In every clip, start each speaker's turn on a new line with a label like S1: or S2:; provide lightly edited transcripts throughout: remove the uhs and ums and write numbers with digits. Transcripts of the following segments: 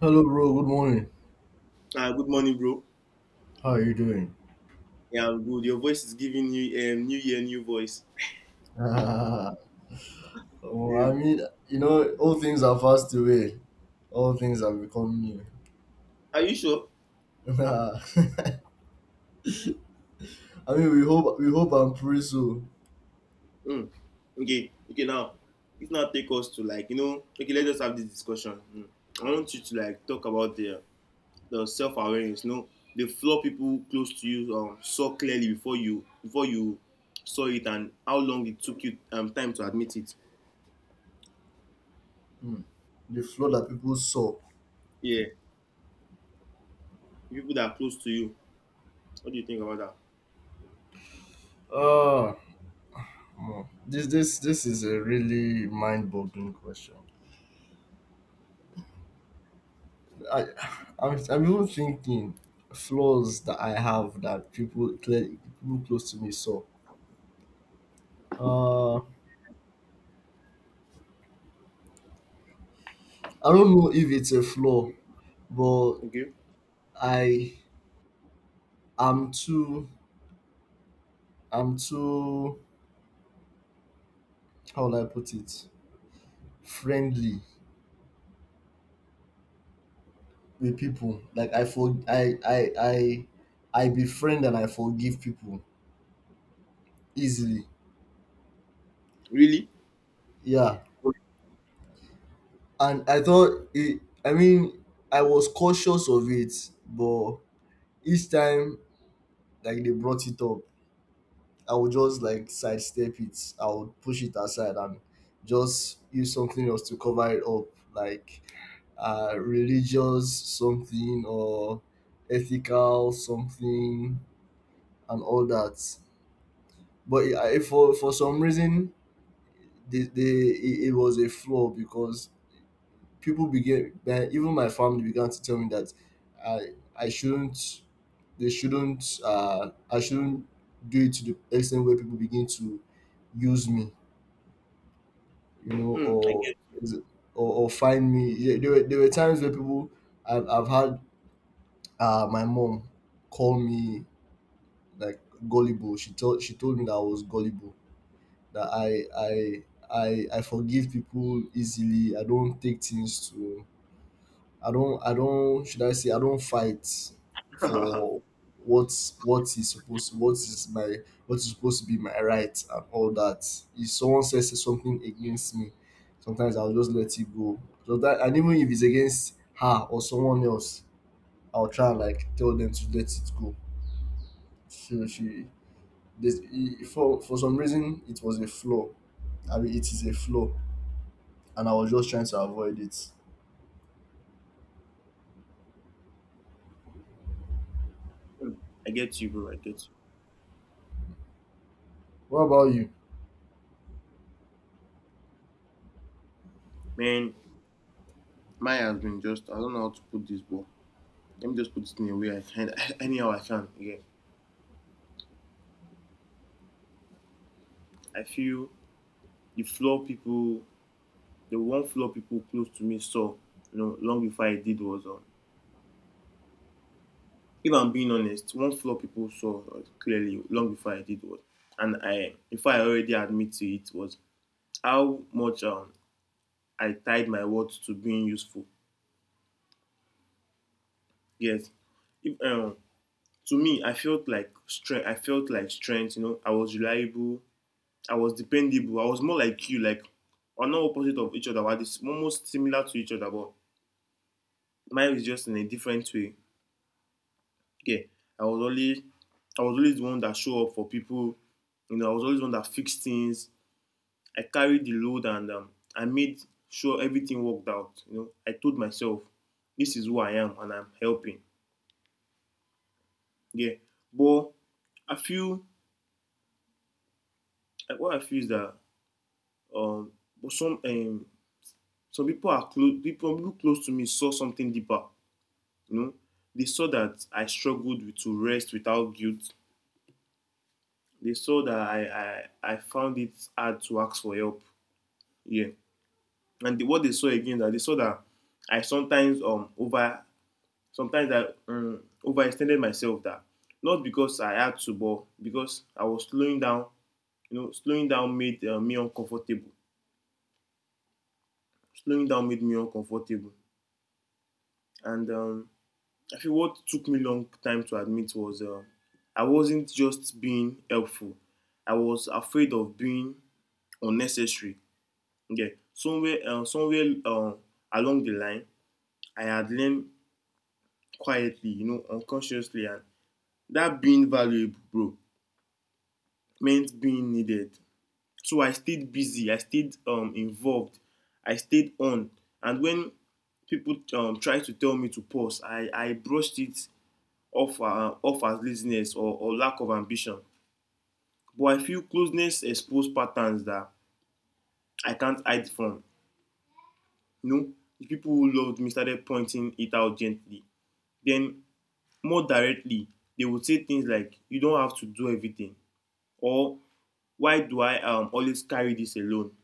S1: Hello, bro. Good morning.
S2: Ah, good morning, bro.
S1: How are you doing?
S2: Yeah, I'm good. Your voice is giving you new year, new voice.
S1: Ah, oh, I
S2: Um,
S1: mean, you know, all things are fast away. All things have become new.
S2: are you sure?
S1: Ah, I mean, we hope and pray so.
S2: Mm. Okay, okay. Now, it now take us to like. Okay, let's just have this discussion. Mm. I want you to like talk about the self awareness. You know, the flaw people close to you saw clearly before you saw it, and how long it took you time to admit it.
S1: Hmm. The flood that people saw.
S2: Yeah, the people that are close to you. What do you think about that?
S1: Ah, hmm. This is a really mind-boggling question. I, I'm even thinking flaws that I have that people close to me saw. I don't know if it's a flaw, but
S2: Okay,
S1: I am too I'm too how will I put it friendly with people. Like I for I I befriend and I forgive people easily.
S2: really?
S1: Yeah, and I thought it. I mean, I was cautious of it, but each time like they brought it up, I would just like sidestep it. I would push it aside and just use something else to cover it up, like religious something or ethical something and all that. But for some reason, they it was a flaw because people began, then even my family began to tell me that I I shouldn't, they shouldn't, I shouldn't do it to the extent where people begin to use me, you know,
S2: Mm, I get,
S1: is it- or find me. Yeah, there were, there were times where people I've had my mom called me like gullible. She told me that I was gullible, that I forgive people easily. I don't take things to I don't, should I say, I don't fight for what is supposed, what is supposed to be my right and all that. If someone says something against me, sometimes I'll just let it go. So that And even if it's against her or someone else, I'll try and like tell them to let it go. So she, for some reason, it was a flaw. I mean, it is a flaw, and I was just trying to avoid it.
S2: mm, I get you, bro. I get you,
S1: What about you?
S2: man. Mine has been just I don't know how to put this, but let me just put it in a way I can anyhow I can. Yeah. I feel the floor people the one floor people close to me saw, you know, long before I did was on. If I'm being honest, one floor people saw clearly long before I did was, and I if I already admit to it was how much I tied my words to being useful. Yes. If To me I felt like strength, you know, I was reliable, I was dependable. I was more like you, like or not opposite of each other, but it's almost similar to each other, but mine is just in a different way. Yeah. I was always I was always the one that show up for people. You know, I was always the one that fixed things. I carried the load and I made sure everything worked out. You know, I told myself, this is who I am and I'm helping. Yeah. But I feel like, what I feel is that um but some people are close people who look close to me saw something deeper. You know, they saw that I struggled with, to rest without guilt. They saw that I found it hard to ask for help. Yeah. And what they saw again that they saw that I sometimes over sometimes I overextended myself that not because I had to, but because I was slowing down. You know, slowing down made me uncomfortable. Slowing down made me uncomfortable, and I feel what took me long time to admit was I wasn't just being helpful. I was afraid of being unnecessary. Yeah, somewhere along the line, I had learned quietly, you know, unconsciously, and that being valuable, bro, meant being needed. So I stayed busy. I stayed involved. I stayed on. And when people tried to tell me to pause, I brushed it off as laziness or lack of ambition. But I feel closeness exposed patterns that I can't hide from. You know, the people who loved me started pointing it out gently. Then, more directly, they would say things like, "You don't have to do everything," or "Why do I always carry this alone?"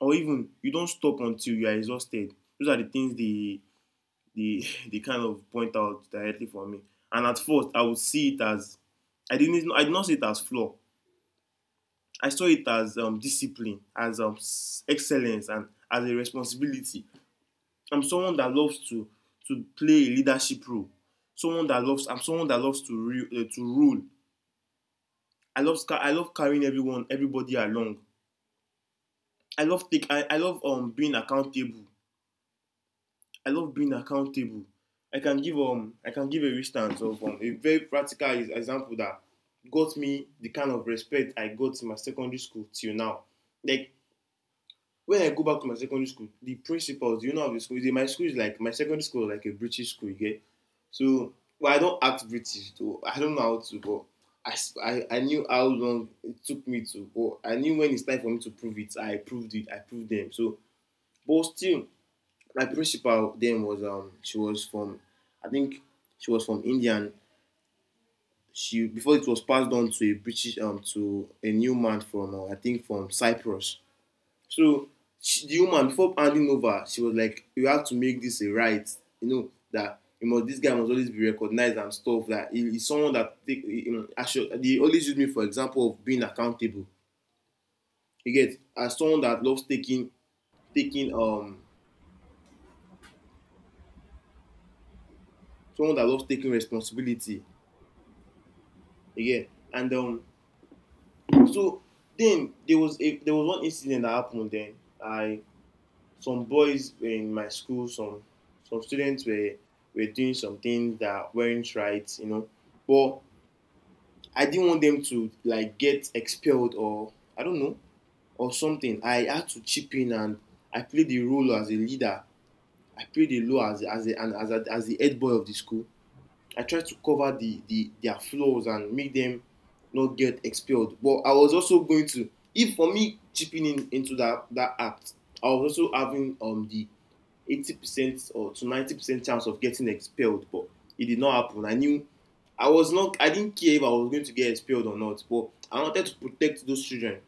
S2: Or even, "You don't stop until you are exhausted." Those are the things they, they kind of point out directly for me. And at first, I would see it as I did not see it as flaw. I saw it as discipline, as excellence, and as a responsibility. I'm someone that loves to play a leadership role. Someone that loves. I'm someone that loves to to rule. I love carrying everyone everybody along. I love being accountable. I love being accountable. I can give a instance of a very practical example that got me the kind of respect I got in my secondary school till now. Like when I go back to my secondary school, the principals, you know, of the school, my school is like my secondary school, was like a British school, you get. So, well, I don't act British, though. I don't know how to, but I I, I knew how long it took me to, but I knew when it's time for me to prove it. I proved it. I proved them. So, but still, my principal then was she was from, I think she was from India. And she before it was passed on to a new man from I think from Cyprus. So she, the woman before handing over, she was like, "You have to make this a right. You know that you must this guy must always be recognized and stuff. That he's someone that take. I should, they always use me for example of being accountable." You get as someone that loves taking someone that loves taking responsibility. You get and so then there was a there was one incident that happened. Then I some boys were in my school, some students were doing some things that weren't right, you know. But I didn't want them to like get expelled or I don't know or something. I had to chip in and I played the role as a leader. I played the role as a, and as a, as the head boy of the school. I tried to cover the their flaws and make them not get expelled. But I was also going to, if for me chipping in into that act, I was also having the 80% or to 90% chance of getting expelled, but it did not happen. I knew I was not I didn't care if I was going to get expelled or not, but I wanted to protect those children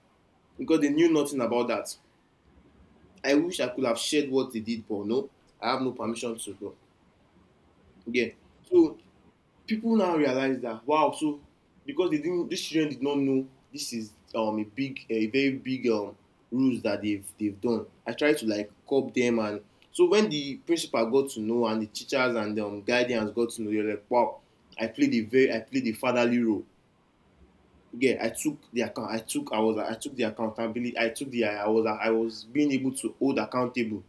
S2: because they knew nothing about that. I wish I could have shared what they did, but no, I have no permission to go. Yeah. So people now realize that wow so because they didn't these children did not know this is a big a very big rules that they've done. I tried to like curb them and so when the principal got to know and the teachers and the guardians got to know they are like wow, I played a very I played the fatherly role. Yeah, I took I took the accountability. I took the I was I was being able to hold accountable.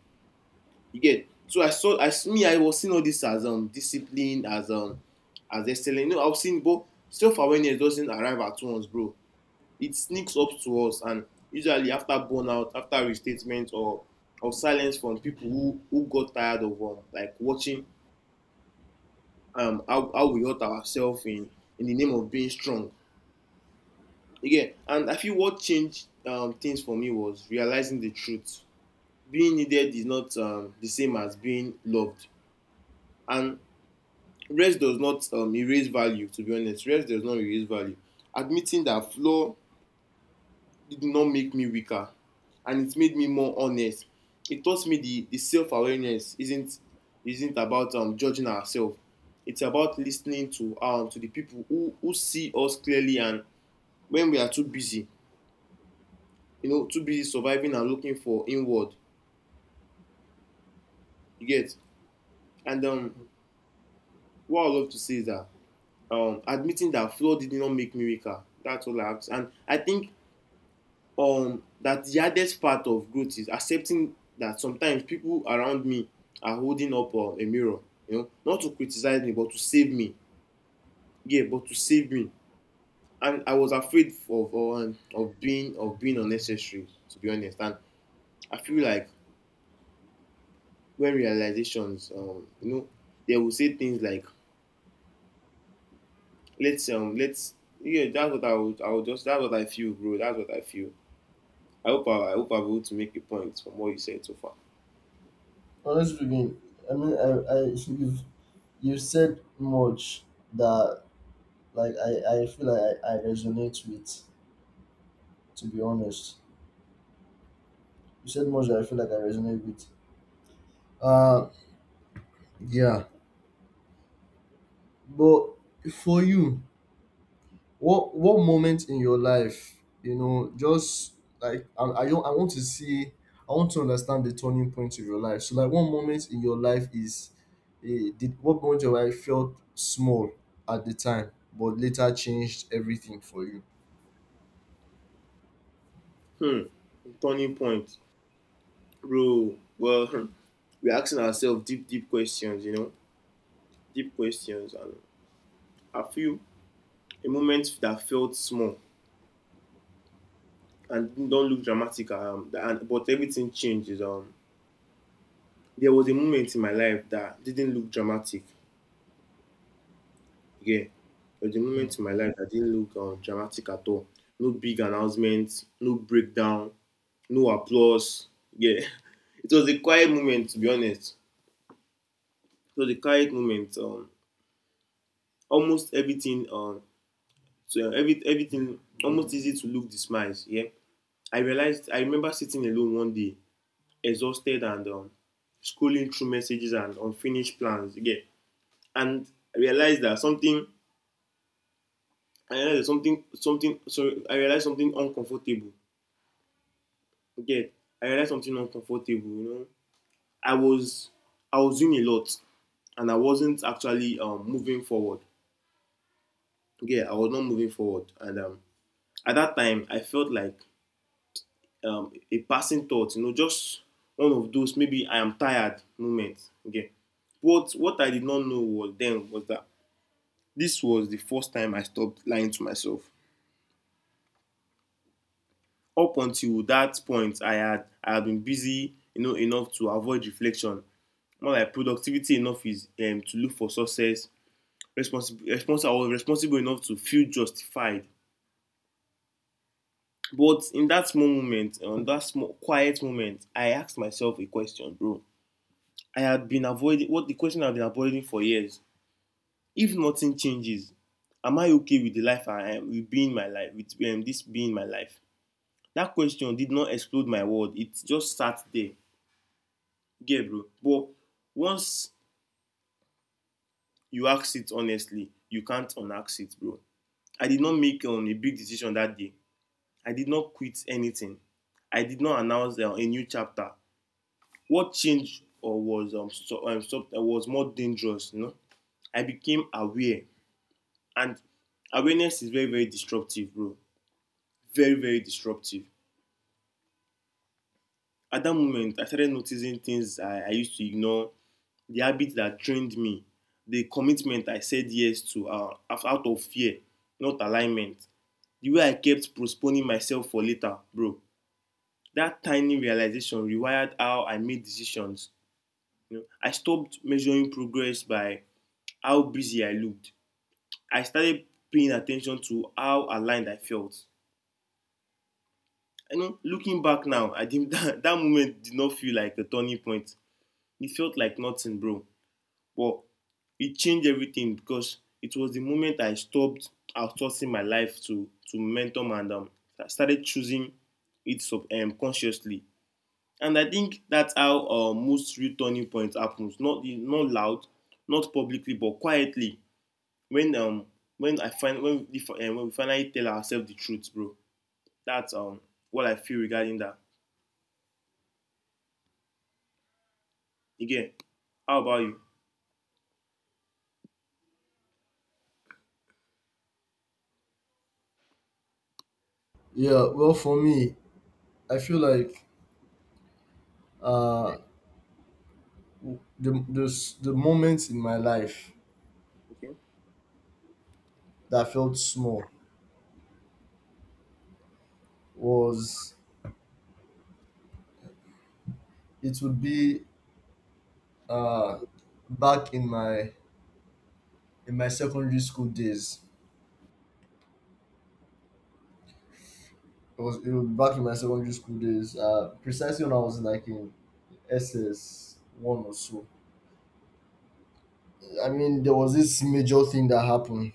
S2: You get? So I saw, I s- me, I was seeing all this as discipline, as excellent. You know, I've seen, but self awareness doesn't arrive at once, bro. It sneaks up to us, and usually after burnout, after restatement, or silence from people who got tired of like watching how we hurt ourselves in the name of being strong. Again, and I feel what changed things for me was realizing the truth. Being needed is not the same as being loved, and rest does not erase value. To be honest, rest does not erase value. Admitting that flaw did not make me weaker, and it made me more honest. It taught me the self-awareness isn't about judging ourselves. It's about listening to the people who see us clearly, and when we are too busy, you know, too busy surviving and looking for inward, you get, and what I love to say is that admitting that flaw did not make me weaker. That's all I have to say. And I think that the hardest part of growth is accepting that sometimes people around me are holding up a mirror, you know, not to criticize me, but to save me. Yeah, but to save me. And I was afraid of being unnecessary, to be honest. And I feel like when realizations, you know, they will say things like, let's yeah." That's what I would just that's what I feel, bro. That's what I feel. I hope I hope I'm able to make a point from what you said so far.
S1: Honestly speaking, I mean, I you've said much that like I feel like I resonate with. To be honest, you said much that I feel like I resonate with. Uh, yeah, but for you, what moment in your life, you know, just like I, don't, I want to see, I want to understand the turning point of your life. So like, one moment in your life is, eh, did what moment of your life felt small at the time, but later changed everything for you.
S2: Hmm. Turning point. Bro, well, we're asking ourselves deep questions, you know, deep questions. And I feel a moment that felt small and don't look dramatic, but everything changes. There was a moment in my life that didn't look dramatic. Yeah, there was a
S1: Mm.
S2: moment in my life that didn't look dramatic at all. No big announcement, no breakdown, no applause. Yeah, it was a quiet moment, to be honest. It was a quiet moment. Almost everything So yeah, everything almost easy to look the Yeah, I remember sitting alone one day, exhausted and scrolling through messages and unfinished plans. Yeah, and I realized that something. I realized something, something. So I realized something uncomfortable. Yeah, I realized something uncomfortable. I was, I was doing a lot, and I wasn't actually moving forward. Yeah, I was not moving forward, and at that time, I felt like a passing thought, you know, just one of those maybe I am tired moments. Okay. What I did not know was then was that this was the first time I stopped lying to myself. Up until that point, I had been busy, you know, enough to avoid reflection. More like productivity enough is to look for success. Responsible enough to feel justified. But in that small moment, on that small quiet moment, I asked myself a question, bro. I had been avoiding what the question I've been avoiding for years. If nothing changes, am I okay with the life I am with being my life with this being my life? That question did not explode my world. It just sat there. Yeah, bro. But once you ask it honestly, you can't unask it, bro. I did not make a big decision that day. I did not quit anything. I did not announce a new chapter. What changed or was so, so, was more dangerous, you know? I became aware. And awareness is very, very disruptive, bro. Very, very disruptive. At that moment, I started noticing things I used to ignore, the habits that trained me, the commitment I said yes to out of fear, not alignment, the way I kept postponing myself for later, bro. That tiny realization rewired how I made decisions. You know, I stopped measuring progress by how busy I looked. I started paying attention to how aligned I felt. You know, looking back now, I think that moment did not feel like a turning point. It felt like nothing, bro. But it changed everything because it was the moment I stopped outsourcing my life to momentum, and I started choosing it consciously. And I think that's how most real turning points happens. Not not loud, not publicly, but quietly. When um when I find when we, fi- When we finally tell ourselves the truth, bro. That's What I feel regarding that. Again, how about you?
S1: Yeah, well, for me, I feel like uh, the moments in my life
S2: Okay.
S1: that felt small was it would be uh, back in my secondary school days. It was back in my secondary school days, precisely when I was like in SS one or so. I mean, there was this major thing that happened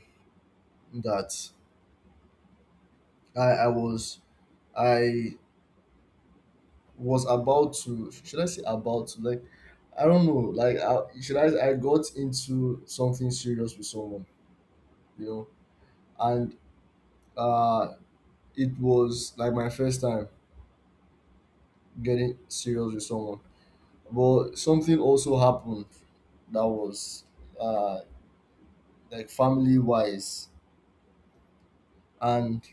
S1: that I I was I was about to, should I say about to, like I don't know, like I, should I got into something serious with someone, you know, and uh it was like my first time getting serious with someone, but something also happened that was uh, like family wise and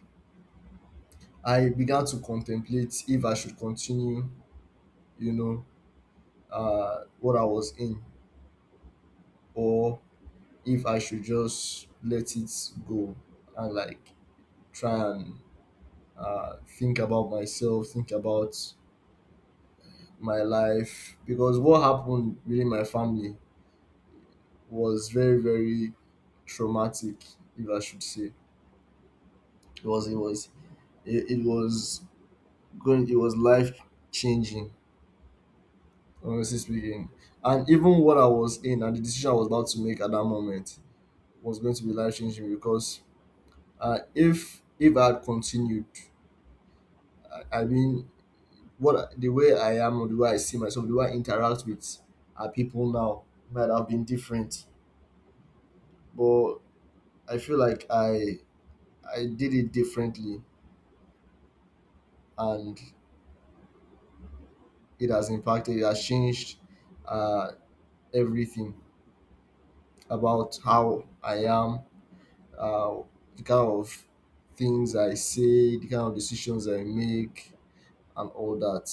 S1: I began to contemplate if I should continue, you know, what I was in, or if I should just let it go and like try and think about myself, think about my life, because what happened within my family was very traumatic, if I should say. it was it was it was going, it was life changing, honestly speaking. And even what I was in and the decision I was about to make at that moment was going to be life changing because if I had continued, I mean, the way I am, or the way I see myself, the way I interact with people now might have been different, but I feel like I did it differently, and it has impacted, it has changed uh, everything about how I am, uh, the kind of things I say, the kind of decisions I make, and all that.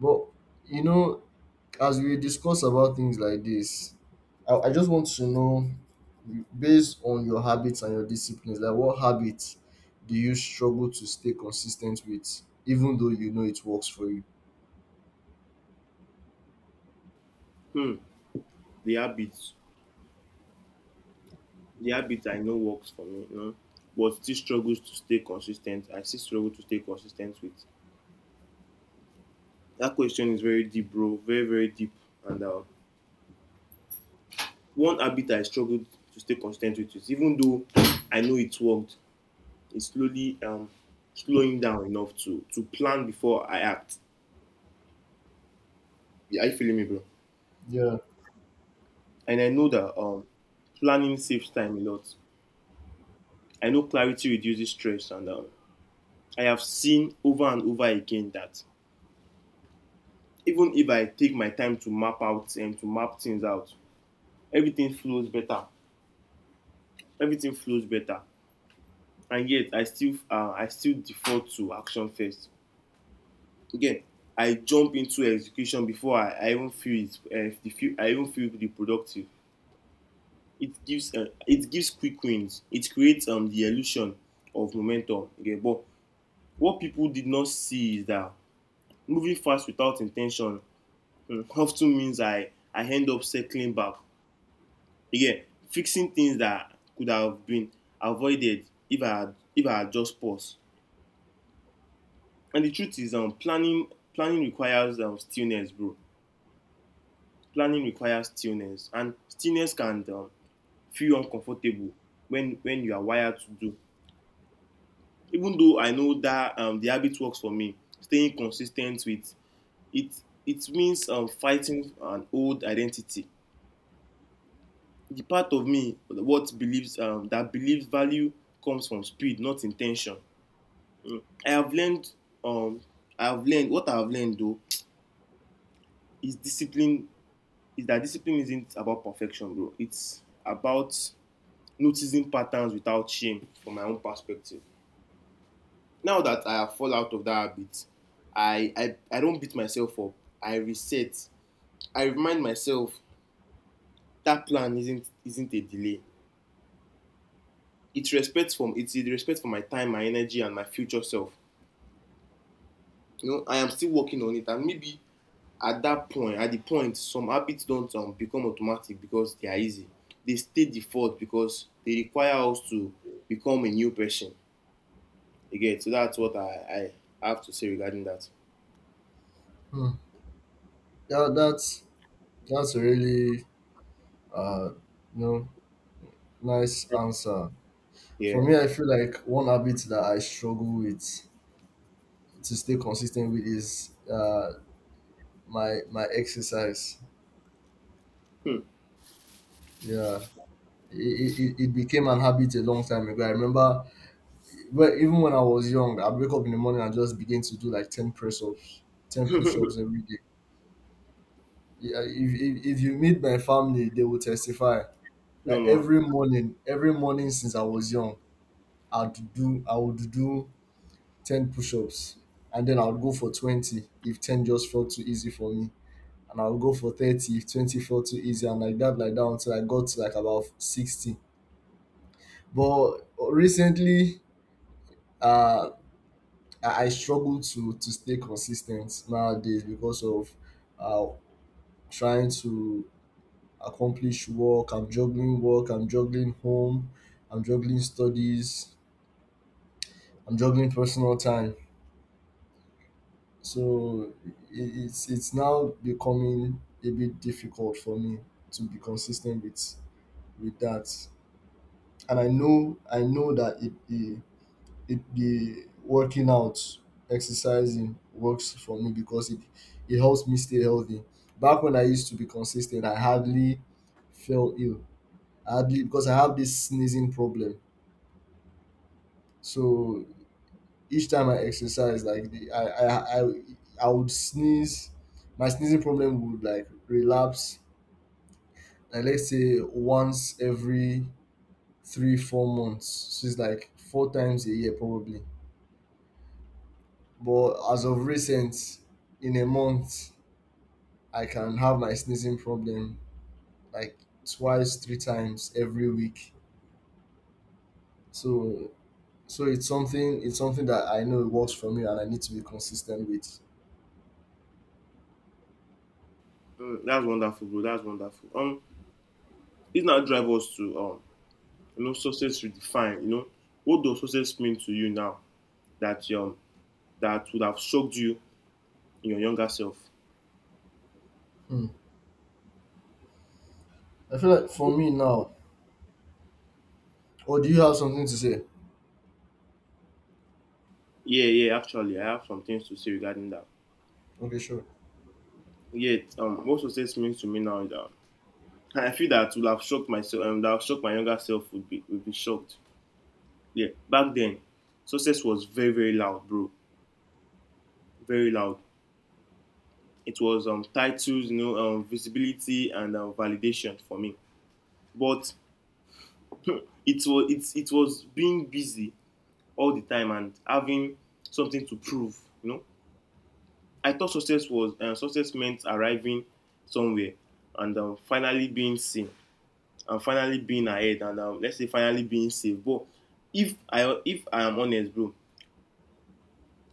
S1: But you know, as we discuss about things like this, I just want to know, based on your habits and your disciplines, like what habits do you struggle to stay consistent with, even though you know it works for you?
S2: Hmm. The habits. The habits I know works for me, you know, but still struggles to stay consistent. I still struggle to stay consistent with. That question is very deep, bro. Very, very deep. And one habit I struggled to stay consistent with is even though I know it worked, it's slowly slowing down enough to plan before I act. Yeah, are you feeling me, bro?
S1: Yeah.
S2: And I know that planning saves time a lot. I know clarity reduces stress, and I have seen over and over again that even if I take my time to map things out, everything flows better. Everything flows better, and yet I still default to action first. Again, I jump into execution before I even feel it. I even feel the productive. It gives quick wins. It creates the illusion of momentum. Again, but what people did not see is that moving fast without intention. Mm. Often means I end up circling back. Again, fixing things that could have been avoided if I had just paused. And the truth is, planning requires stillness, bro. Planning requires stillness, and stillness can feel uncomfortable when you are wired to do. Even though I know that the habit works for me, staying consistent with it means fighting an old identity. The part of me what believes that believes value comes from speed, not intention. I have learned um I have learned what I have learned though is discipline is that discipline isn't about perfection, bro. It's about noticing patterns without shame from my own perspective. Now that I have fall out of that habit, I don't beat myself up. I reset. I remind myself that plan isn't a delay. It's a respect for my time, my energy, and my future self. You know, I am still working on it, and maybe at the point some habits don't become automatic because they are easy. They stay default because they require us to become a new person again. So that's what I have to say regarding that.
S1: Hmm. Yeah, that's a really uh you know nice answer. For
S2: Yeah.
S1: me, I feel like one habit that I struggle with to stay consistent with is my my exercise.
S2: Hmm.
S1: Yeah, it, it became an habit a long time ago. I remember, well, even when I was young, I'd wake up in the morning and just begin to do like 10 press ups, 10 push ups every day. Yeah, if you meet my family, they will testify
S2: No
S1: that
S2: more.
S1: every morning since I was young, I would do 10 push ups, and then I would go for 20 if 10 just felt too easy for me. And I will go for 30, 20, 40, easy, and like that until I got to like about 60. But recently, uh, I struggle to stay consistent nowadays because of uh, trying to accomplish work. I'm juggling work. I'm juggling home. I'm juggling studies. I'm juggling personal time. So it's now becoming a bit difficult for me to be consistent with that. And I know, I know that it the working out, exercising works for me because it helps me stay healthy. Back when I used to be consistent, I hardly fell ill. I hardly, because I have this sneezing problem, so each time I exercise, like the I would sneeze. My sneezing problem would like relapse, like let's say once every 3 4 months, so it's like 4 times a year probably. But as of recent, in a month, I can have my sneezing problem like twice, 3 times every week. So it's something, it's something that I know it works for me and I need to be consistent with.
S2: Hmm, that's wonderful, bro. That's wonderful. This now drive us to you know, success redefined. You know, what does success mean to you now that would have shocked you in your younger self?
S1: Hmm. I feel like for me now, or do you have something to say?
S2: Yeah, yeah, actually, I have some things to say regarding that.
S1: Okay, sure.
S2: Yet What success means to me now is I feel that will have shocked myself that shocked my younger self. Would be shocked. Yeah, back then success was very very loud, bro, very loud. It was titles, you know, visibility, and validation for me. But it was being busy all the time and having something to prove. You know, I thought success was success meant arriving somewhere and finally being seen. And finally being ahead, and let's say finally being safe. But if I am honest, bro,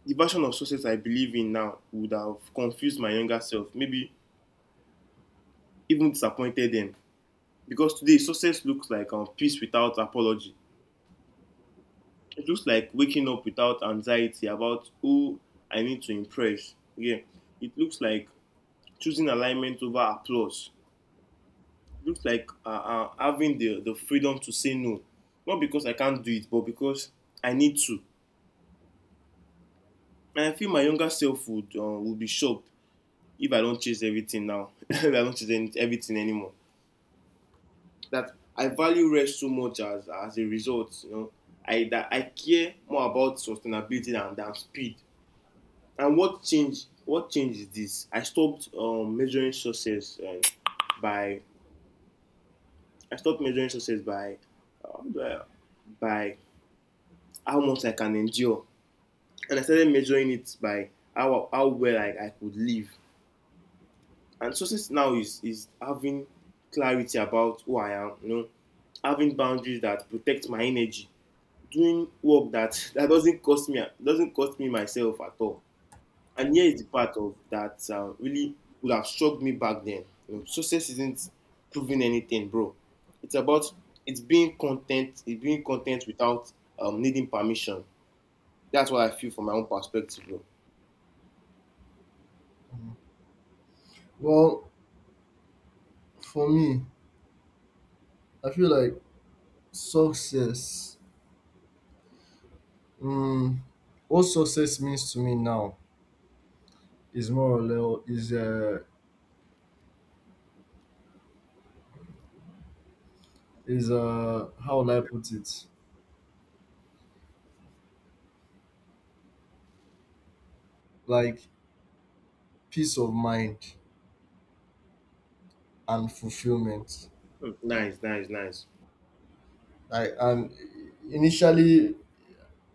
S2: the version of success I believe in now would have confused my younger self, maybe even disappointed them. Because today success looks like peace without apology. It looks like waking up without anxiety about who I need to impress. Yeah, it looks like choosing alignment over applause. It looks like having the freedom to say no, not because I can't do it, but because I need to. And I feel my younger self would be shocked if I don't chase everything now. if I don't chase any, everything anymore. That I value rest so much as a result, you know, I that I care more about sustainability than speed. And what change? What change is this? By I stopped measuring success by uh, by how much I can endure, and I started measuring it by how well I could live. And success now is having clarity about who I am, you know, having boundaries that protect my energy, doing work that that doesn't cost me myself at all. And here is the part of that really would have struck me back then. You know, success isn't proving anything, bro. It's about it's being content, without needing permission. That's what I feel from my own perspective, bro.
S1: Well, for me, I feel like success. Um, what success means to me now is more or less is how will I put it? Like peace of mind and fulfillment.
S2: Hmm, nice, nice, nice.
S1: Like and initially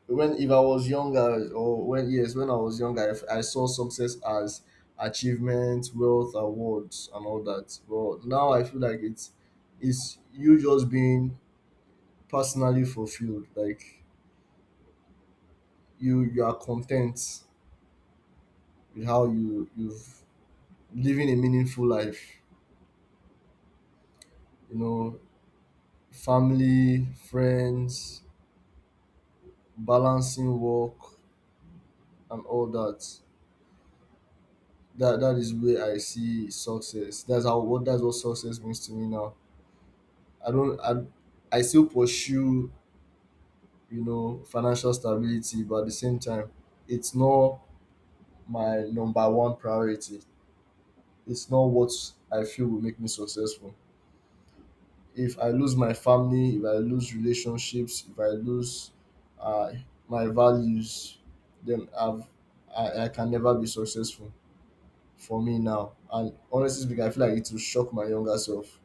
S1: when, if I was younger, or when, yes, when I was younger, if I saw success as achievement, wealth, awards and all that. But now I feel like it's you just being personally fulfilled. Like you are content with how you've living a meaningful life. You know, family, friends, balancing work and all that. That is where I see success. That's what success means to me now. I don't I still pursue, you know, financial stability, but at the same time, it's not my number one priority. It's not what I feel will make me successful. If I lose my family, if I lose relationships, if I lose uh, my values, then I can never be successful for me now. And honestly speaking, I feel like it will shock my younger self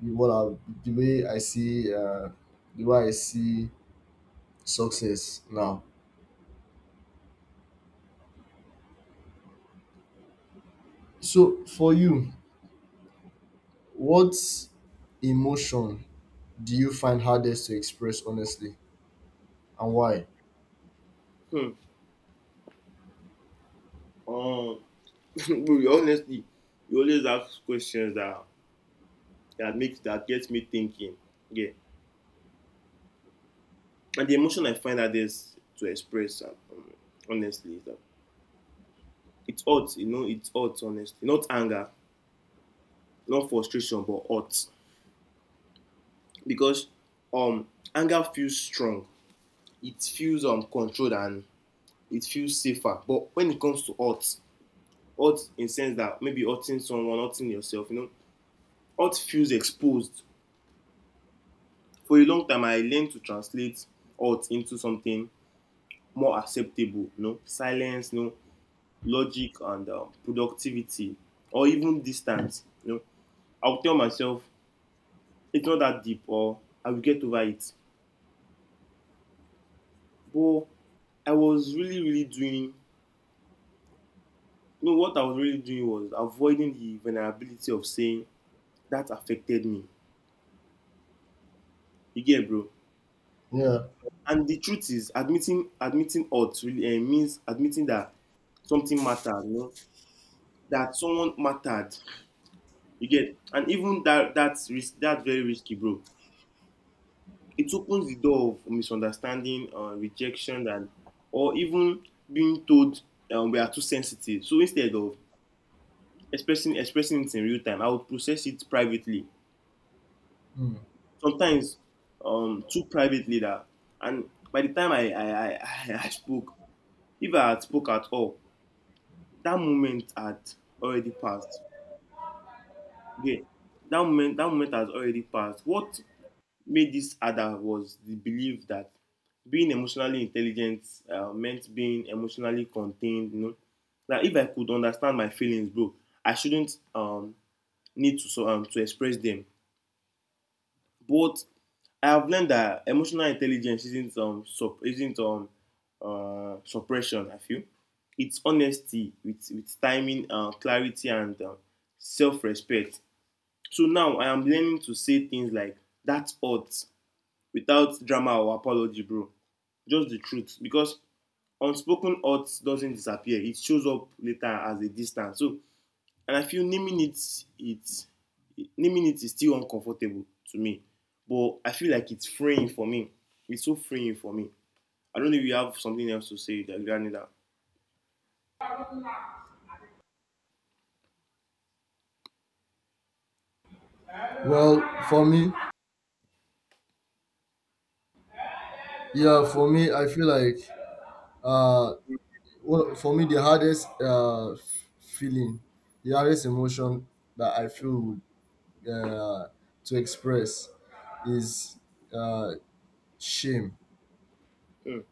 S1: what I the way I see the way I see success now. So for you, what emotion do you find hardest to express honestly, and why?
S2: Hmm. Um, honestly, you always ask questions that that makes that gets me thinking. Yeah, and the emotion I find hardest to express, honestly, is, it's hurt. You know, it's hurt. Honestly, not anger, not frustration, but hurt because um anger feels strong. It feels controlled, and it feels safer. But when it comes to hurt, hurt in sense that maybe hurting someone, hurting yourself, you know, hurt feels exposed. For a long time, I learned to translate hurt into something more acceptable. You know, silence, you know, logic, and productivity, or even distance. You know, I'll tell myself it's not that deep, or I will get over it. But I was really, really doing. You know, what I was really doing was avoiding the vulnerability of saying that affected me. You get, bro.
S1: Yeah.
S2: And the truth is, admitting odds really means admitting that something mattered, you know, that someone mattered. You get, and even that that's risk, that's very risky, bro. It opens the door of misunderstanding, rejection, and or even being told we are too sensitive. So instead of expressing it in real time, I would process it privately.
S1: Hmm.
S2: Sometimes too privately that, and by the time I spoke, if I had spoke at all, that moment had already passed. Okay, that moment has already passed. What made this other was the belief that being emotionally intelligent meant being emotionally contained. You know, that if I could understand my feelings, bro, I shouldn't to express them. But I have learned that emotional intelligence isn't suppression. I feel it's honesty with timing, clarity, and self respect. So now I am learning to say things like "That's odd," without drama or apology, bro. Just the truth. Because unspoken odds doesn't disappear. It shows up later as a distance. So, and I feel it, naming it is still uncomfortable to me. But I feel like it's freeing for me. It's so freeing for me. I don't know if you have something else to say that regarding that.
S1: Well, for me, yeah, for me, I feel like uh, for me the hardest feeling, the hardest emotion that I feel uh, to express is uh shame.
S2: Mm.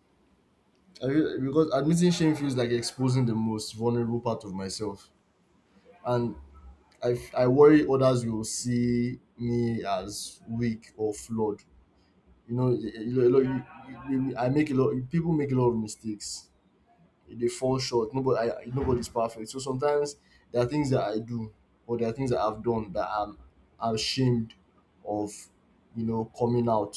S1: I feel, because admitting shame feels like exposing the most vulnerable part of myself, and I worry others will see me as weak or flawed. You know, a lot- you- you- you- I make a lot. People make a lot of mistakes. They fall short. Nobody's perfect. So sometimes there are things that I do, or there are things that I've done that I'm ashamed of. You know, coming out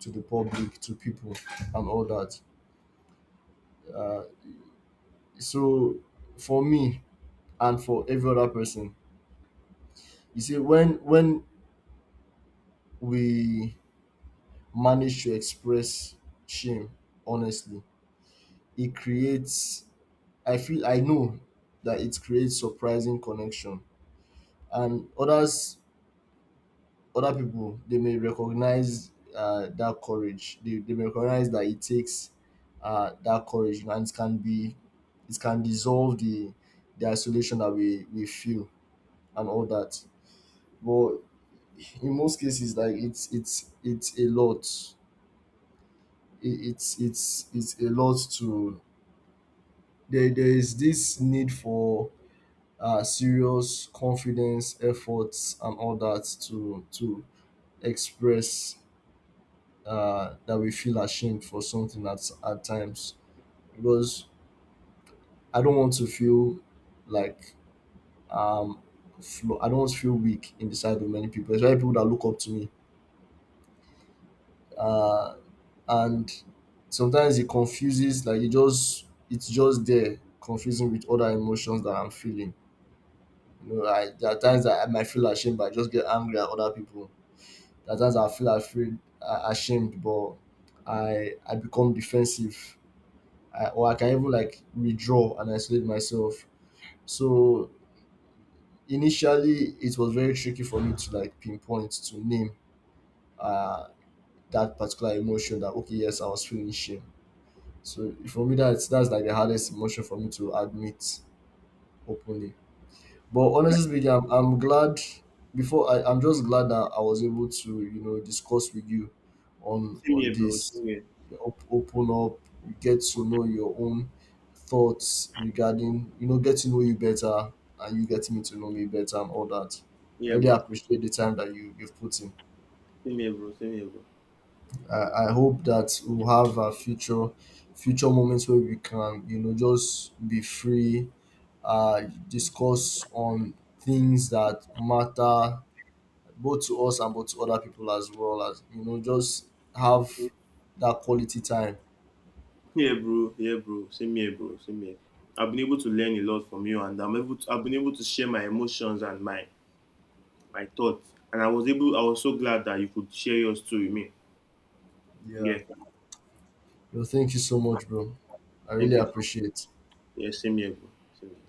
S1: to the public, to people, and all that. Uh, so for me and for every other person. You see, when we manage to express shame honestly, it creates. I feel I know that it creates surprising connection, and others, other people, they may recognize that courage. They may recognize that it takes that courage, and it can dissolve the isolation that we feel and all that. But in most cases, like it's a lot, it, it's a lot to. There is this need for serious confidence efforts and all that to express that we feel ashamed for something at times, because I don't want to feel like, um I don't want to feel weak in the sight of many people, especially people that look up to me, uh, and sometimes it confuses, like it's just there confusing with other emotions that I'm feeling. You know, I there are times that I might feel ashamed, but I just get angry at other people. There are times I feel ashamed, but I become defensive, or I can even like withdraw and isolate myself. So initially, it was very tricky for me to like pinpoint, to name uh, that particular emotion. That okay, yes, I was feeling shame. So for me, that's like the hardest emotion for me to admit openly. But honestly speaking, I'm glad. I'm just glad that I was able to you know discuss with you
S2: Same
S1: on
S2: here, bro.
S1: this.
S2: Same here.
S1: Op- open up, get to know your own thoughts, regarding you know get to know you better and you getting me to know me better and all that. I
S2: Yeah,
S1: really
S2: bro.
S1: appreciate the time that you you've put in.
S2: Same here, bro. Same here, bro.
S1: I hope that we'll have a future moments where we can you know just be free uh discuss on things that matter both to us and both to other people, as well as you know just have that quality time.
S2: Yeah, bro. Yeah, bro. Same here, bro. Same here. I've been able to learn a lot from you, and I'm able. I've been able to share my emotions and my thoughts. And I was so glad that you could share yours too with me.
S1: Yeah,
S2: Yeah.
S1: well thank you so much, bro. I really
S2: Thank you.
S1: appreciate
S2: Yeah, same here, bro. Same here.